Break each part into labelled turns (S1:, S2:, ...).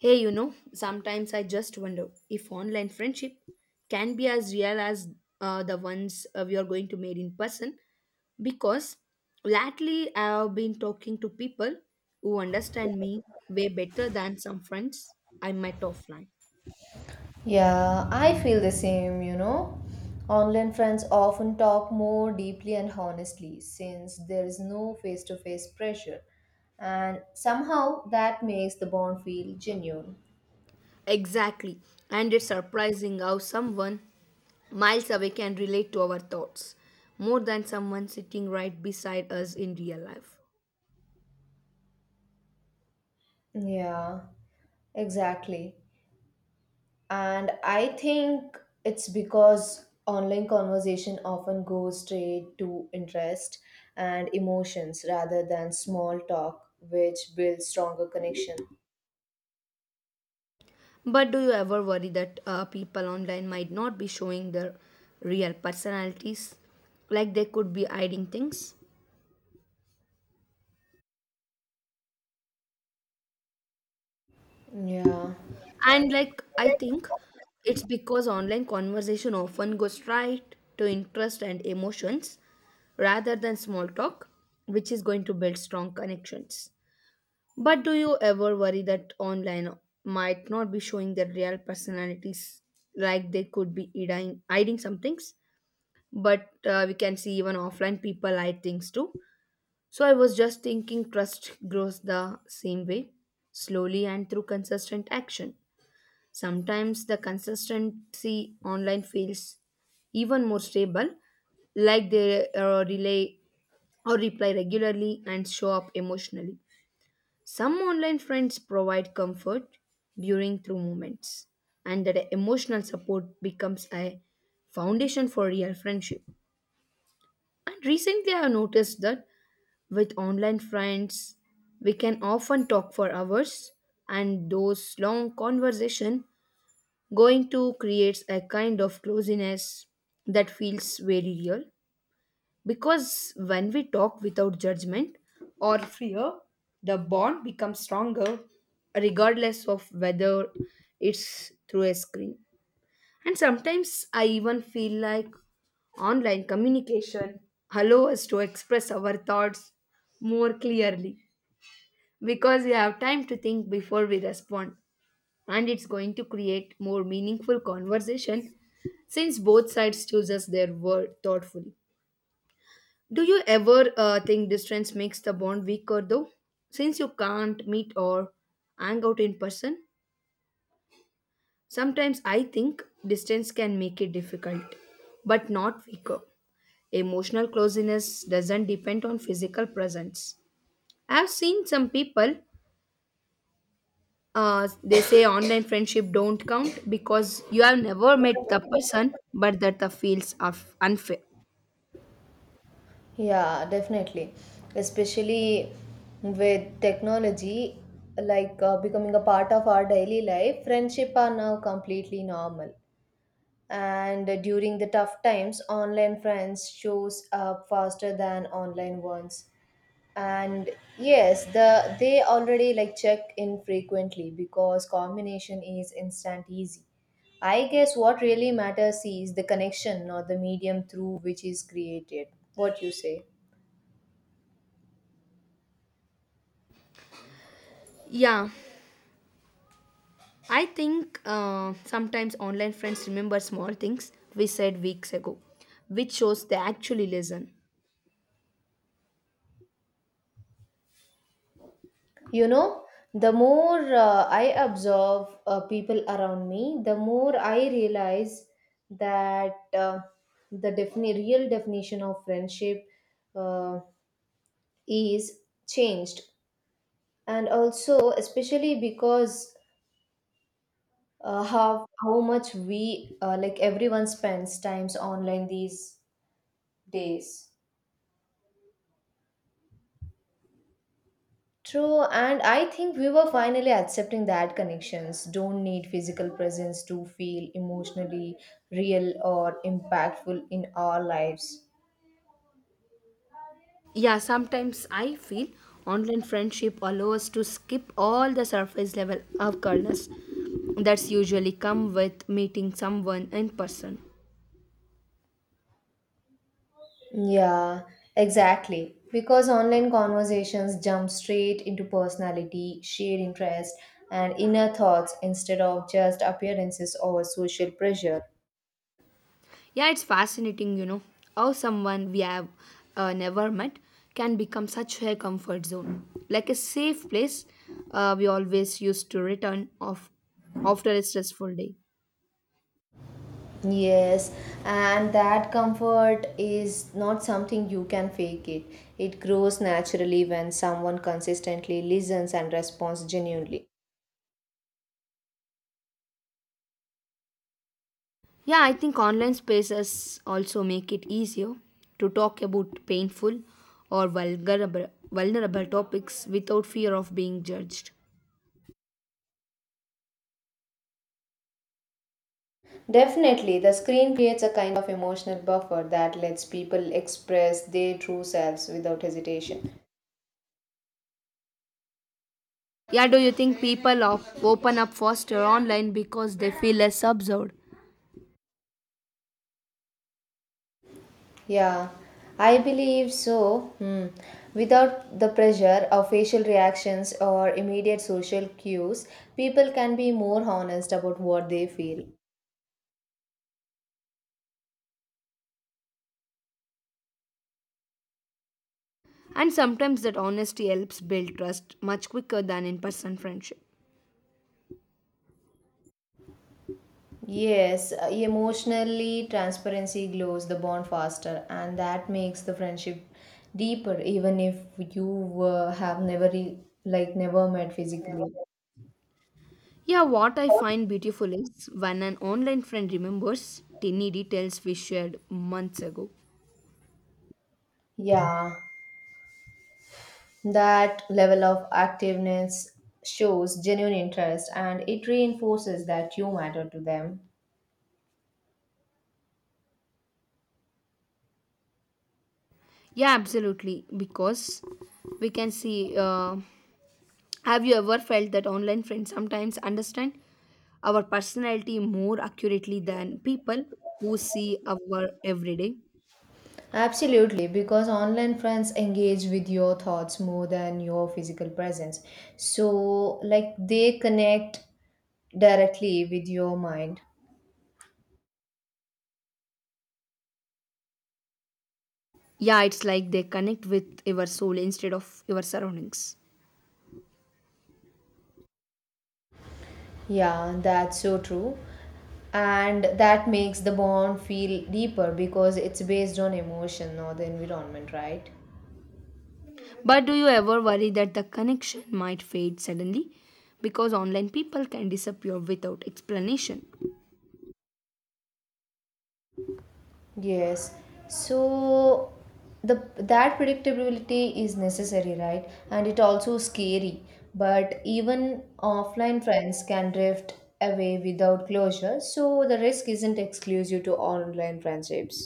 S1: Hey, you know, sometimes I just wonder if online friendship can be as real as the ones we are going to meet in person because lately I have been talking to people who understand me way better than some friends I met offline.
S2: Yeah, I feel the same, you know. Online friends often talk more deeply and honestly since there is no face to face pressure, and somehow that makes the bond feel genuine.
S1: Exactly, and it's surprising how someone miles away can relate to our thoughts more than someone sitting right beside us in real life.
S2: Yeah, exactly. And I think it's because online conversation often goes straight to interest and emotions rather than small talk, which builds stronger connection.
S1: But do you ever worry that people online might not be showing their real personalities? Like they could be hiding things?
S2: Yeah.
S1: And like I think it's because online conversation often goes straight to interest and emotions rather than small talk, which is going to build strong connections. But do you ever worry that online might not be showing their real personalities? Like they could be hiding some things? But we can see even offline people like things too. So I was just thinking trust grows the same way, slowly and through consistent action. Sometimes the consistency online feels even more stable, like they relay or reply regularly and show up emotionally. Some online friends provide comfort during through moments, and that emotional support becomes a foundation for real friendship. And recently, I have noticed that with online friends, we can often talk for hours, and those long conversation going to creates a kind of closeness that feels very real. Because when we talk without judgment or fear, the bond becomes stronger, regardless of whether it's through a screen. And sometimes I even feel like online communication allows us to express our thoughts more clearly because we have time to think before we respond. And it's going to create more meaningful conversation since both sides chooses their word thoughtfully. Do you ever think distance makes the bond weaker though? Since you can't meet or hang out in person, sometimes I think distance can make it difficult, but not weaker. Emotional closeness doesn't depend on physical presence. I've seen some people they say online friendship don't count because you have never met the person, but that the feels are unfair.
S2: Yeah, definitely. Especially with technology becoming a part of our daily life, friendship are now completely normal. And during the tough times, online friends shows up faster than online ones. And yes, the they already like check in frequently because combination is instant easy. I guess what really matters is the connection, not the medium through which is created. What you say?
S1: Yeah, I think sometimes online friends remember small things we said weeks ago, which shows they actually listen.
S2: You know, the more I observe people around me, the more I realize that the real definition of friendship uh, is changed. And also, especially because how much we, like everyone spends times online these days. True, and I think we were finally accepting that connections don't need physical presence to feel emotionally real or impactful in our lives.
S1: Yeah, sometimes I feel online friendship allow us to skip all the surface level of coldness that's usually come with meeting someone in person.
S2: Yeah, exactly. Because online conversations jump straight into personality, shared interest, and inner thoughts instead of just appearances or social pressure.
S1: Yeah, it's fascinating, you know, how someone we have never met can become such a comfort zone, like a safe place we always used to return of after a stressful day.
S2: Yes, and that comfort is not something you can fake it. It grows naturally when someone consistently listens and responds genuinely.
S1: Yeah, I think online spaces also make it easier to talk about painful or vulnerable topics without fear of being judged.
S2: Definitely, the screen creates a kind of emotional buffer that lets people express their true selves without hesitation.
S1: Yeah, do you think open up faster online because they feel less observed?
S2: Yeah, I believe so. Hmm. Without the pressure of facial reactions or immediate social cues, people can be more honest about what they feel.
S1: And sometimes that honesty helps build trust much quicker than in person friendship.
S2: Yes, emotionally, transparency glows the bond faster, and that makes the friendship deeper, even if you have never like never met physically.
S1: Yeah, what I find beautiful is when an online friend remembers tiny details we shared months ago.
S2: Yeah, that level of activeness shows genuine interest, and it reinforces that you matter to them.
S1: Yeah, absolutely, because we can see. Have you ever felt that online friends sometimes understand our personality more accurately than people who see our everyday?
S2: Absolutely, because online friends engage with your thoughts more than your physical presence. So, like, they connect directly with your mind.
S1: Yeah, it's like they connect with your soul instead of your surroundings.
S2: Yeah, that's so true. And that makes the bond feel deeper because it's based on emotion, not the environment, right?
S1: But do you ever worry that the connection might fade suddenly? Because online people can disappear without explanation.
S2: Yes. So the that predictability is necessary, right? And it also scary. But even offline friends can drift away without closure, so the risk isn't exclusive to online friendships.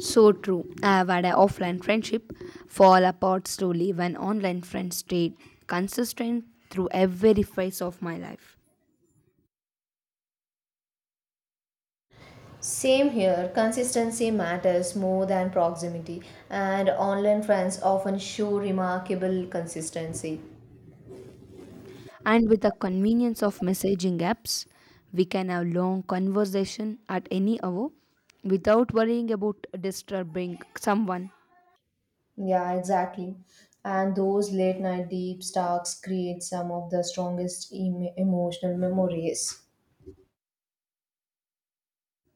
S1: So true. I have had an offline friendship fall apart slowly when online friends stayed consistent through every phase of my life.
S2: Same here, consistency matters more than proximity, and online friends often show remarkable consistency.
S1: And with the convenience of messaging apps, we can have long conversation at any hour without worrying about disturbing someone.
S2: Yeah, exactly. And those late night deep talks create some of the strongest emotional memories.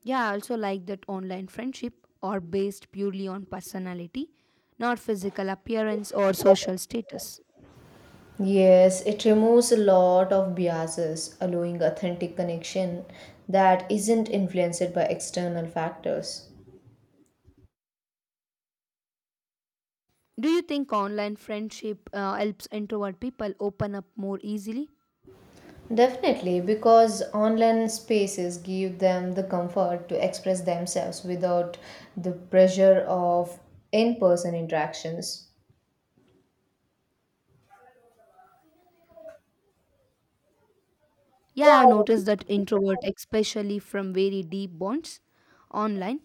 S1: Yeah, I also like that online friendship are based purely on personality, not physical appearance or social status.
S2: Yes, it removes a lot of biases, allowing authentic connection that isn't influenced by external factors.
S1: Do you think online friendship helps introvert people open up more easily?
S2: Definitely, because online spaces give them the comfort to express themselves without the pressure of in person interactions.
S1: Yeah, I've noticed that introvert, especially from very deep bonds online,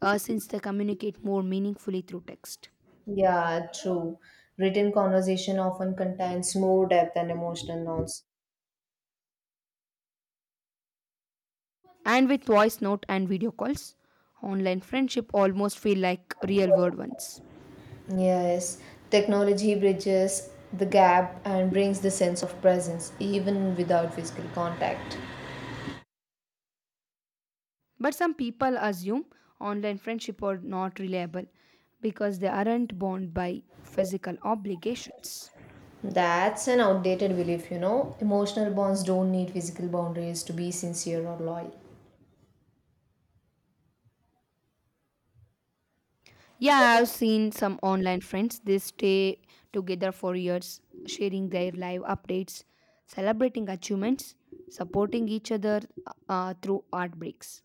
S1: since they communicate more meaningfully through text.
S2: Yeah, true. Written conversation often contains more depth and emotional notes.
S1: And with voice note and video calls online friendship almost feel like real world ones.
S2: Yes, technology bridges the gap and brings the sense of presence even without physical contact.
S1: But some people assume online friendship are not reliable because they aren't bound by physical obligations.
S2: That's an outdated belief, you know. Emotional bonds don't need physical boundaries to be sincere or loyal.
S1: Yeah, I've seen some online friends they stay together for years, sharing their live updates, celebrating achievements, supporting each other through heartbreaks.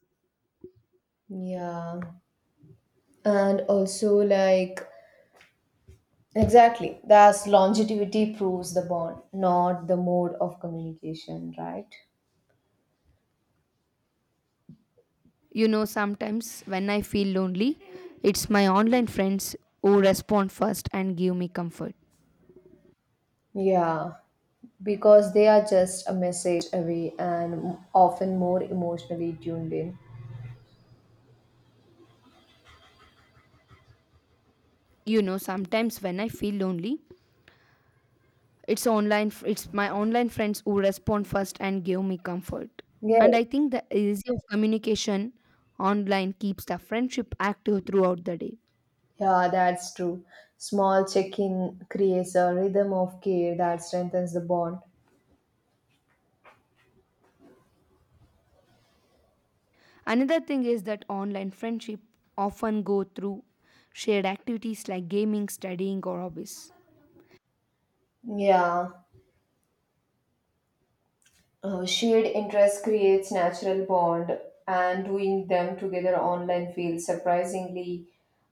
S2: Yeah. And also like exactly that's longevity proves the bond, not the mode of communication, right?
S1: You know, sometimes when I feel lonely, it's my online friends who respond first and give me comfort.
S2: Yeah, because they are just a message away and often more emotionally tuned in.
S1: You know, sometimes when I feel lonely, it's it's my online friends who respond first and give me comfort.
S2: Yeah.
S1: And I think the easy of communication online keeps the friendship active throughout the day.
S2: Yeah, that's true. Small check-in creates a rhythm of care that strengthens the bond.
S1: Another thing is that online friendship often go through shared activities like gaming, studying or hobbies.
S2: Yeah. Shared interest creates natural bond and doing them together online feels surprisingly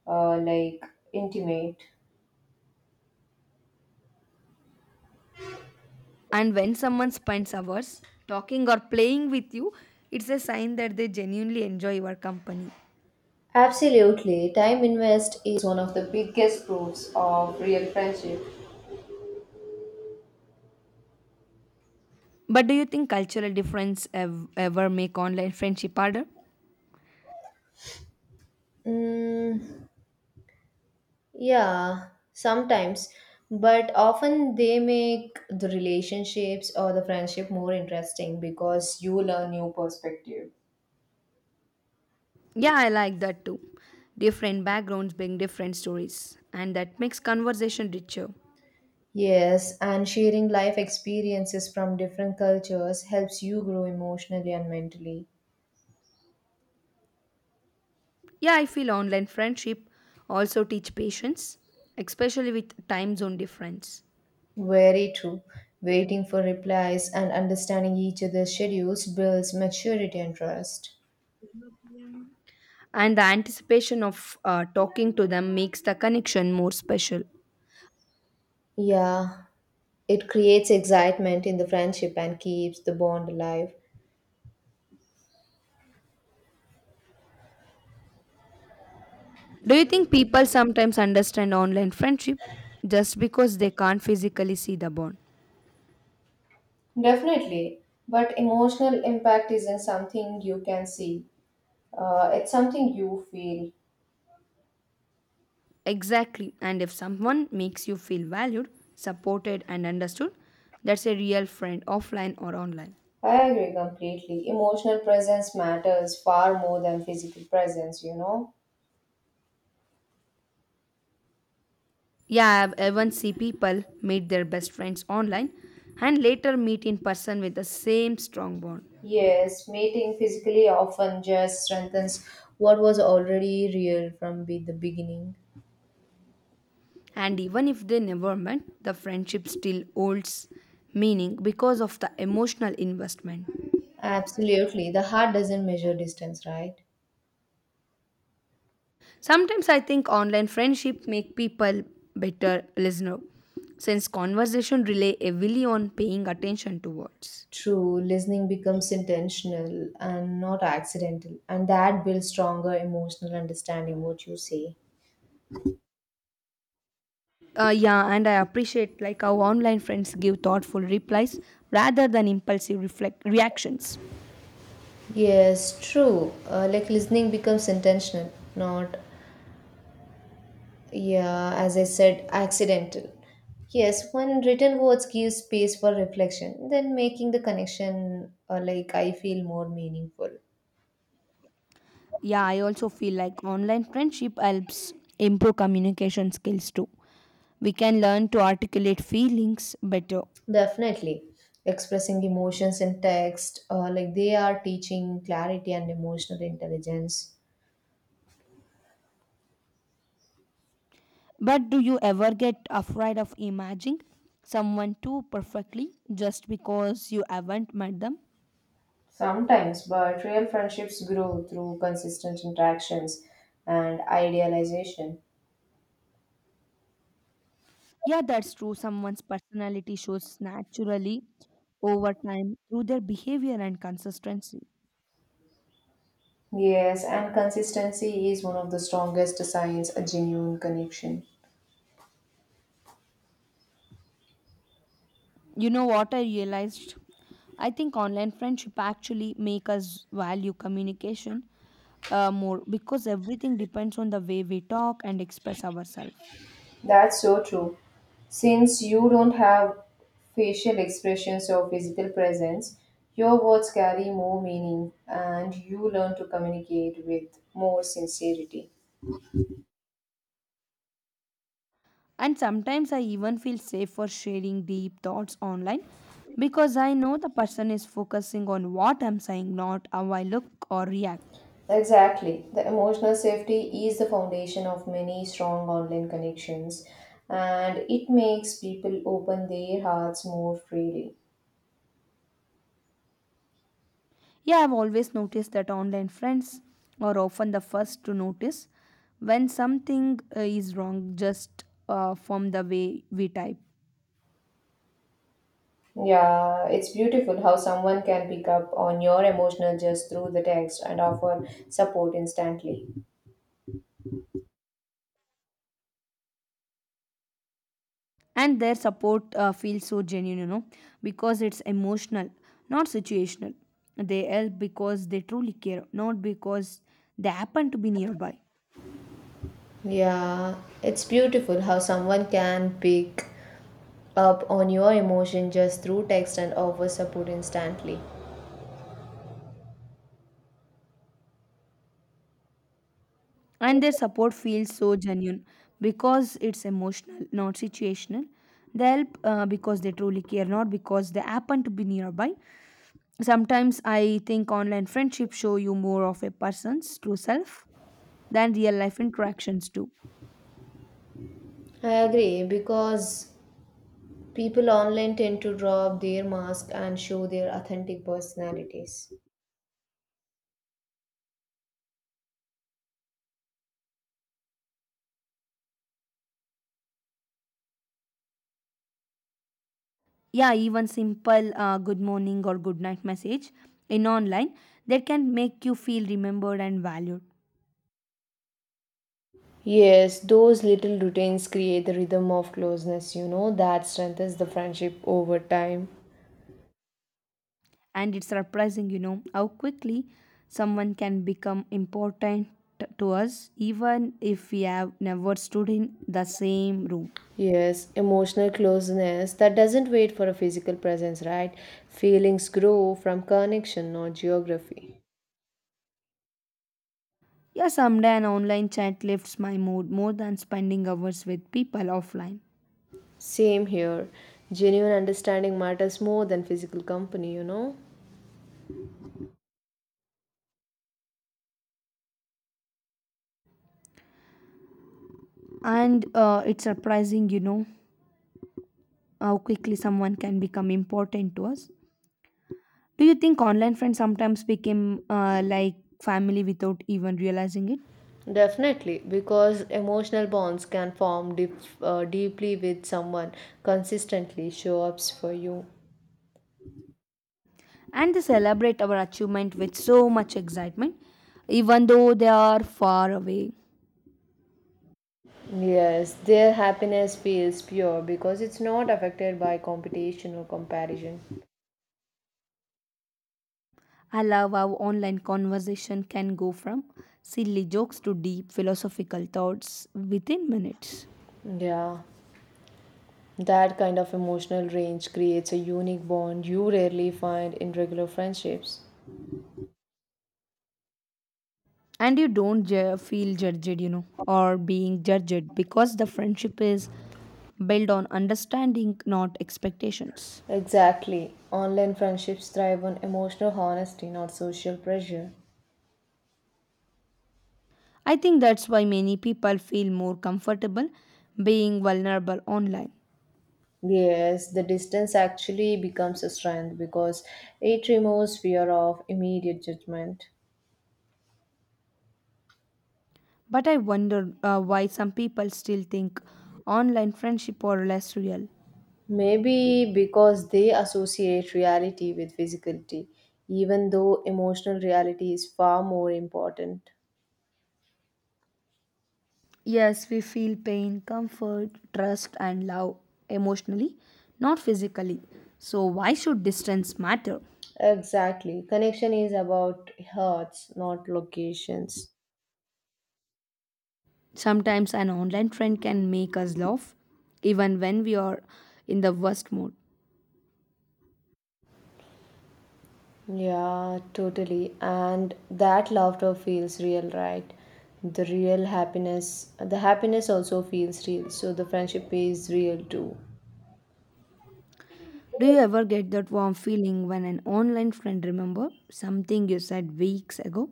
S2: like intimate.
S1: And when someone spends hours talking or playing with you, it's a sign that they genuinely enjoy your company.
S2: Absolutely. Time invest is one of the biggest proofs of real friendship.
S1: But do you think cultural difference ever make online friendship harder?
S2: Mm, yeah, sometimes, but often they make the relationships or the friendship more interesting because you learn new perspective.
S1: Yeah, I like that too. Different backgrounds bring different stories, and that makes conversation richer.
S2: Yes, and sharing life experiences from different cultures helps you grow emotionally and mentally.
S1: Yeah, I feel online friendship also teach patience, especially with time zone difference.
S2: Very true. Waiting for replies and understanding each other's schedules builds maturity and trust.
S1: And the anticipation of talking to them makes the connection more special.
S2: Yeah, it creates excitement in the friendship and keeps the bond alive.
S1: Do you think people sometimes understand online friendship just because they can't physically see the bond?
S2: Definitely, but emotional impact isn't something you can see, it's something you feel.
S1: Exactly. And if someone makes you feel valued, supported, and understood, that's a real friend offline or online.
S2: I agree completely. Emotional presence matters far more than physical presence, you know?
S1: Yeah, I've even see people meet their best friends online and later meet in person with the same strong bond.
S2: Yes, meeting physically often just strengthens what was already real from the beginning.
S1: And even if they never met, the friendship still holds meaning because of the emotional investment.
S2: Absolutely. The heart doesn't measure distance, right?
S1: Sometimes I think online friendship make people better listener since conversation rely heavily on paying attention to words.
S2: True, listening becomes intentional and not accidental, and that builds stronger emotional understanding, what you say.
S1: Yeah, and I appreciate like how online friends give thoughtful replies rather than impulsive reflect reactions.
S2: Yes, true. Like listening becomes intentional, not, yeah, as I said, accidental. Yes, when written words give space for reflection, then making the connection, like I feel more meaningful.
S1: Yeah, I also feel like online friendship helps improve communication skills too. We can learn to articulate feelings better.
S2: Definitely, expressing emotions in text, like they are teaching clarity and emotional intelligence.
S1: But do you ever get afraid of imagining someone too perfectly just because you haven't met them?
S2: Sometimes, but real friendships grow through consistent interactions and idealization.
S1: Yeah, that's true. Someone's personality shows naturally over time through their behavior and consistency.
S2: Yes, and consistency is one of the strongest signs a genuine connection.
S1: You know what I realized? I think online friendship actually make us value communication more because everything depends on the way we talk and express ourselves.
S2: That's so true. Since you don't have facial expressions or physical presence, your words carry more meaning and you learn to communicate with more sincerity.
S1: And sometimes I even feel safe for sharing deep thoughts online because I know the person is focusing on what I'm saying, not how I look or react.
S2: Exactly. The emotional safety is the foundation of many strong online connections and it makes people open their hearts more freely.
S1: Yeah, I've always noticed that online friends are often the first to notice when something is wrong just from the way we type.
S2: Yeah, it's beautiful how someone can pick up on your emotional just through the text and offer support instantly.
S1: And their support feels so genuine, you know, because it's emotional, not situational. They help because they truly care, not because they happen to be nearby.
S2: Yeah, it's beautiful how someone can pick up on your emotion just through text and offer support instantly.
S1: And their support feels so genuine because it's emotional not situational. They help because they truly care not because they happen to be nearby. Sometimes I think online friendships show you more of a person's true self than real life interactions do.
S2: I agree because people online tend to drop their mask and show their authentic personalities.
S1: Yeah, even simple good morning or good night message in online that can make you feel remembered and valued.
S2: Yes, those little routines create the rhythm of closeness, you know, that strengthens the friendship over time.
S1: And it's surprising, you know, how quickly someone can become important to us even if we have never stood in the same room.
S2: Yes, emotional closeness that doesn't wait for a physical presence, right? Feelings grow from connection, not geography.
S1: Yeah, someday an online chat lifts my mood more than spending hours with people offline.
S2: Same here. Genuine understanding matters more than physical company, you know?
S1: And it's surprising, you know, how quickly someone can become important to us. Do you think online friends sometimes become like family without even realizing it?
S2: Definitely, because emotional bonds can form deep, deeply with someone consistently show ups for you.
S1: And they celebrate our achievement with so much excitement, even though they are far away.
S2: Yes, their happiness feels pure because it's not affected by competition or comparison.
S1: I love how online conversation can go from silly jokes to deep philosophical thoughts within minutes.
S2: Yeah, that kind of emotional range creates a unique bond you rarely find in regular friendships.
S1: And you don't feel judged, you know, or being judged because the friendship is built on understanding, not expectations.
S2: Exactly. Online friendships thrive on emotional honesty, not social pressure.
S1: I think that's why many people feel more comfortable being vulnerable online.
S2: Yes, the distance actually becomes a strength because it removes fear of immediate judgment.
S1: But I wonder why some people still think online friendship are less real.
S2: Maybe because they associate reality with physicality, even though emotional reality is far more important.
S1: Yes, we feel pain, comfort, trust, and love emotionally, not physically. So, why should distance matter?
S2: Exactly. Connection is about hearts, not locations.
S1: Sometimes an online friend can make us laugh, even when we are in the worst mood.
S2: Yeah, totally. And that laughter feels real, right? The real happiness, the happiness also feels real. So the friendship is real too.
S1: Do you ever get that warm feeling when an online friend remember something you said weeks ago?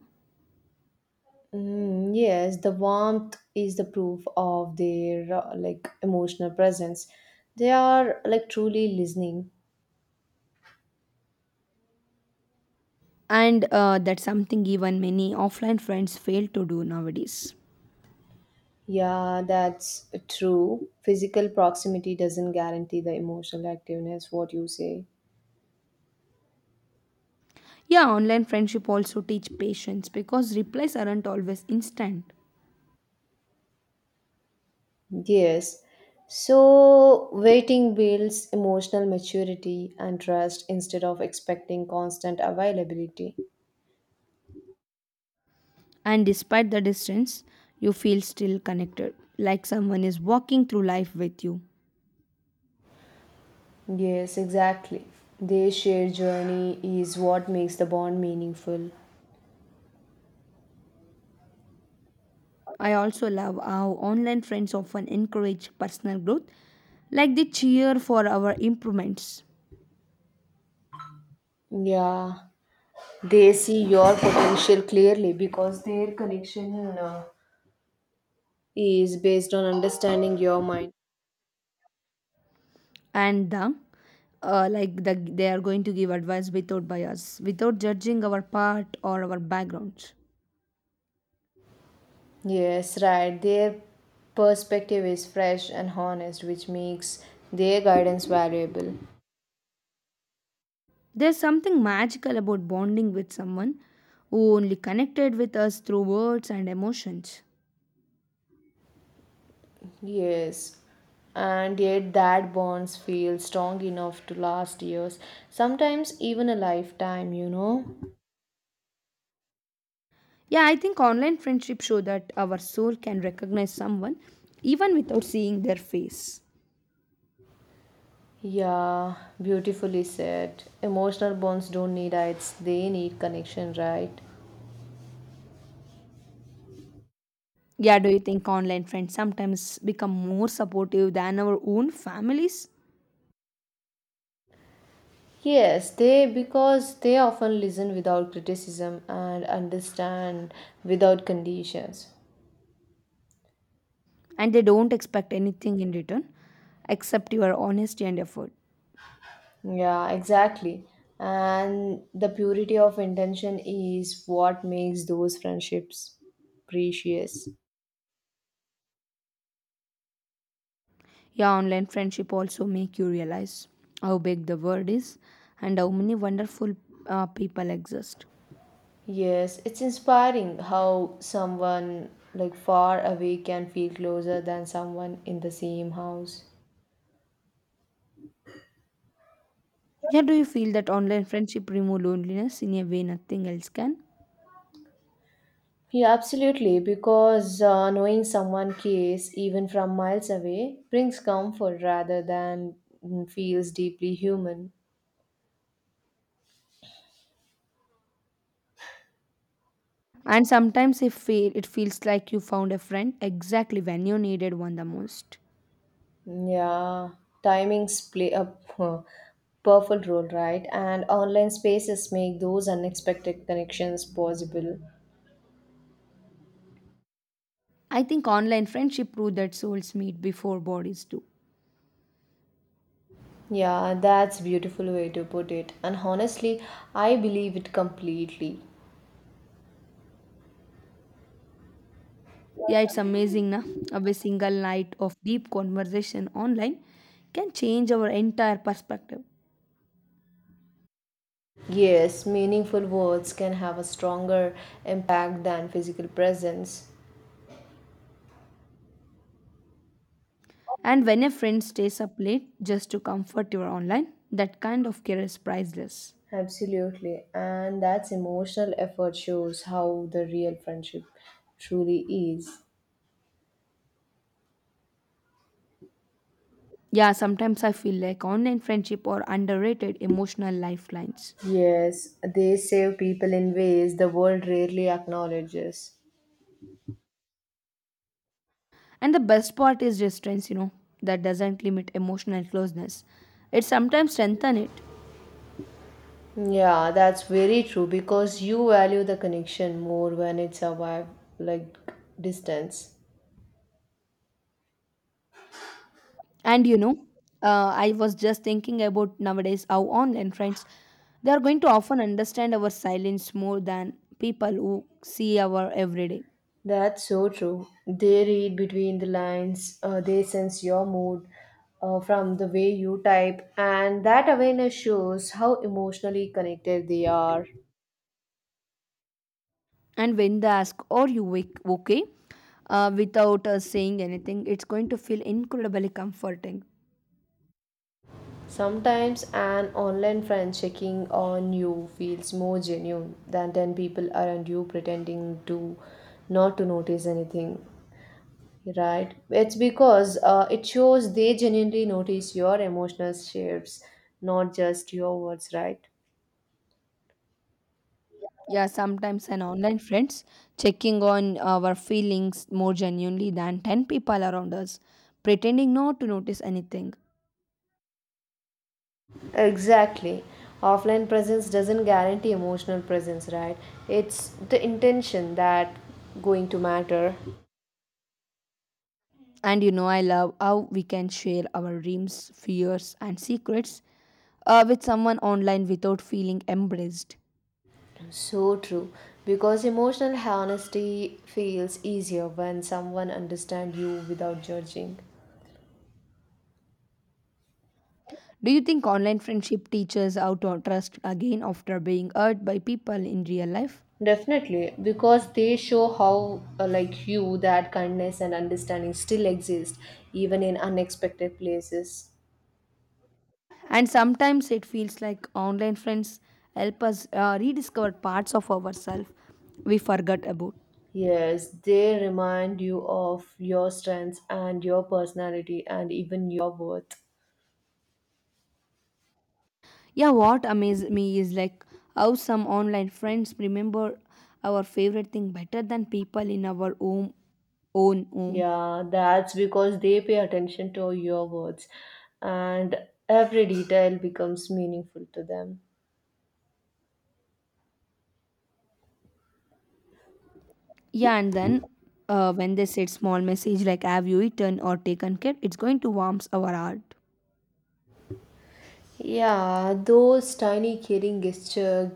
S2: Mm, yes, the warmth is the proof of their like emotional presence. They are like truly listening.
S1: And that's something even many offline friends fail to do nowadays.
S2: Yeah, that's true. Physical proximity doesn't guarantee the emotional activeness, what you say.
S1: Yeah, online friendship also teach patience because replies aren't always instant.
S2: Yes. So, waiting builds emotional maturity and trust instead of expecting constant availability.
S1: And despite the distance, you feel still connected, like someone is walking through life with you.
S2: Yes, exactly. Their shared journey is what makes the bond meaningful.
S1: I also love how online friends often encourage personal growth, like they cheer for our improvements.
S2: Yeah, they see your potential clearly because their connection is based on understanding your mind.
S1: And they are going to give advice without bias, without judging our part or our backgrounds.
S2: Yes, right. Their perspective is fresh and honest, which makes their guidance valuable.
S1: There's something magical about bonding with someone who only connected with us through words and emotions.
S2: Yes, and yet that bonds feel strong enough to last years, sometimes even a lifetime, you know?
S1: Yeah, I think online friendships show that our soul can recognize someone even without seeing their face.
S2: Yeah, beautifully said. Emotional bonds don't need heights, they need connection, right?
S1: Yeah, do you think online friends sometimes become more supportive than our own families?
S2: Yes, they because they often listen without criticism and understand without conditions.
S1: And they don't expect anything in return except your honesty and effort.
S2: Yeah, exactly. And the purity of intention is what makes those friendships precious.
S1: Yeah, online friendship also make you realize how big the world is and how many wonderful people exist.
S2: Yes, it's inspiring how someone like far away can feel closer than someone in the same house.
S1: Yeah, do you feel that online friendship remove loneliness in a way nothing else can?
S2: Yeah, absolutely, because knowing someone cares even from miles away brings comfort rather than, mm, feels deeply human.
S1: And sometimes it feels like you found a friend exactly when you needed one the most.
S2: Yeah, timings play a powerful role, right? And online spaces make those unexpected connections possible.
S1: I think online friendship proved that souls meet before bodies do.
S2: Yeah, that's beautiful way to put it. And honestly, I believe it completely.
S1: Yeah, it's amazing, na? Of a single night of deep conversation online can change our entire perspective.
S2: Yes, meaningful words can have a stronger impact than physical presence.
S1: And when a friend stays up late just to comfort you online, that kind of care is priceless.
S2: Absolutely. And that's emotional effort shows how the real friendship truly is.
S1: Yeah, sometimes I feel like online friendship are underrated emotional lifelines.
S2: Yes, they save people in ways the world rarely acknowledges.
S1: And the best part is distance, you know, that doesn't limit emotional closeness. It sometimes strengthens it.
S2: Yeah, that's very true because you value the connection more when it's survive like distance.
S1: And you know, I was just thinking about nowadays how online friends they are going to often understand our silence more than people who see our everyday.
S2: That's so true. They read between the lines, they sense your mood from the way you type, and that awareness shows how emotionally connected they are.
S1: And when they ask, "Are you okay?" Without us saying anything, it's going to feel incredibly comforting.
S2: Sometimes an online friend checking on you feels more genuine than 10 people around you pretending to not to notice anything. Right. It's because it shows they genuinely notice your emotional shifts, not just your words, right?
S1: Yeah, sometimes an online friends checking on our feelings more genuinely than 10 people around us, pretending not to notice anything.
S2: Exactly. Offline presence doesn't guarantee emotional presence, right? It's the intention that going to matter.
S1: And you know, I love how we can share our dreams, fears, and secrets with someone online without feeling embraced.
S2: So true. Because emotional honesty feels easier when someone understands you without judging.
S1: Do you think online friendship teaches how to trust again after being hurt by people in real life?
S2: Definitely, because they show how, like you, that kindness and understanding still exist, even in unexpected places.
S1: And sometimes it feels like online friends help us rediscover parts of ourselves we forgot about.
S2: Yes, they remind you of your strengths and your personality and even your worth.
S1: Yeah, what amazed me is like how some online friends remember our favorite thing better than people in our own home.
S2: Yeah, that's because they pay attention to your words and every detail becomes meaningful to them.
S1: Yeah, and then when they said small message like "Have you eaten or taken care?" it's going to warms our heart.
S2: Yeah, those tiny caring gestures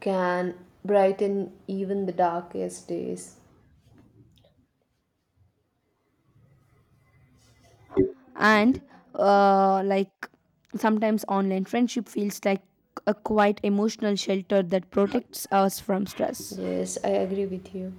S2: can brighten even the darkest days.
S1: And uh, like sometimes online friendship feels like a quite emotional shelter that protects us from stress.
S2: Yes, I agree with you.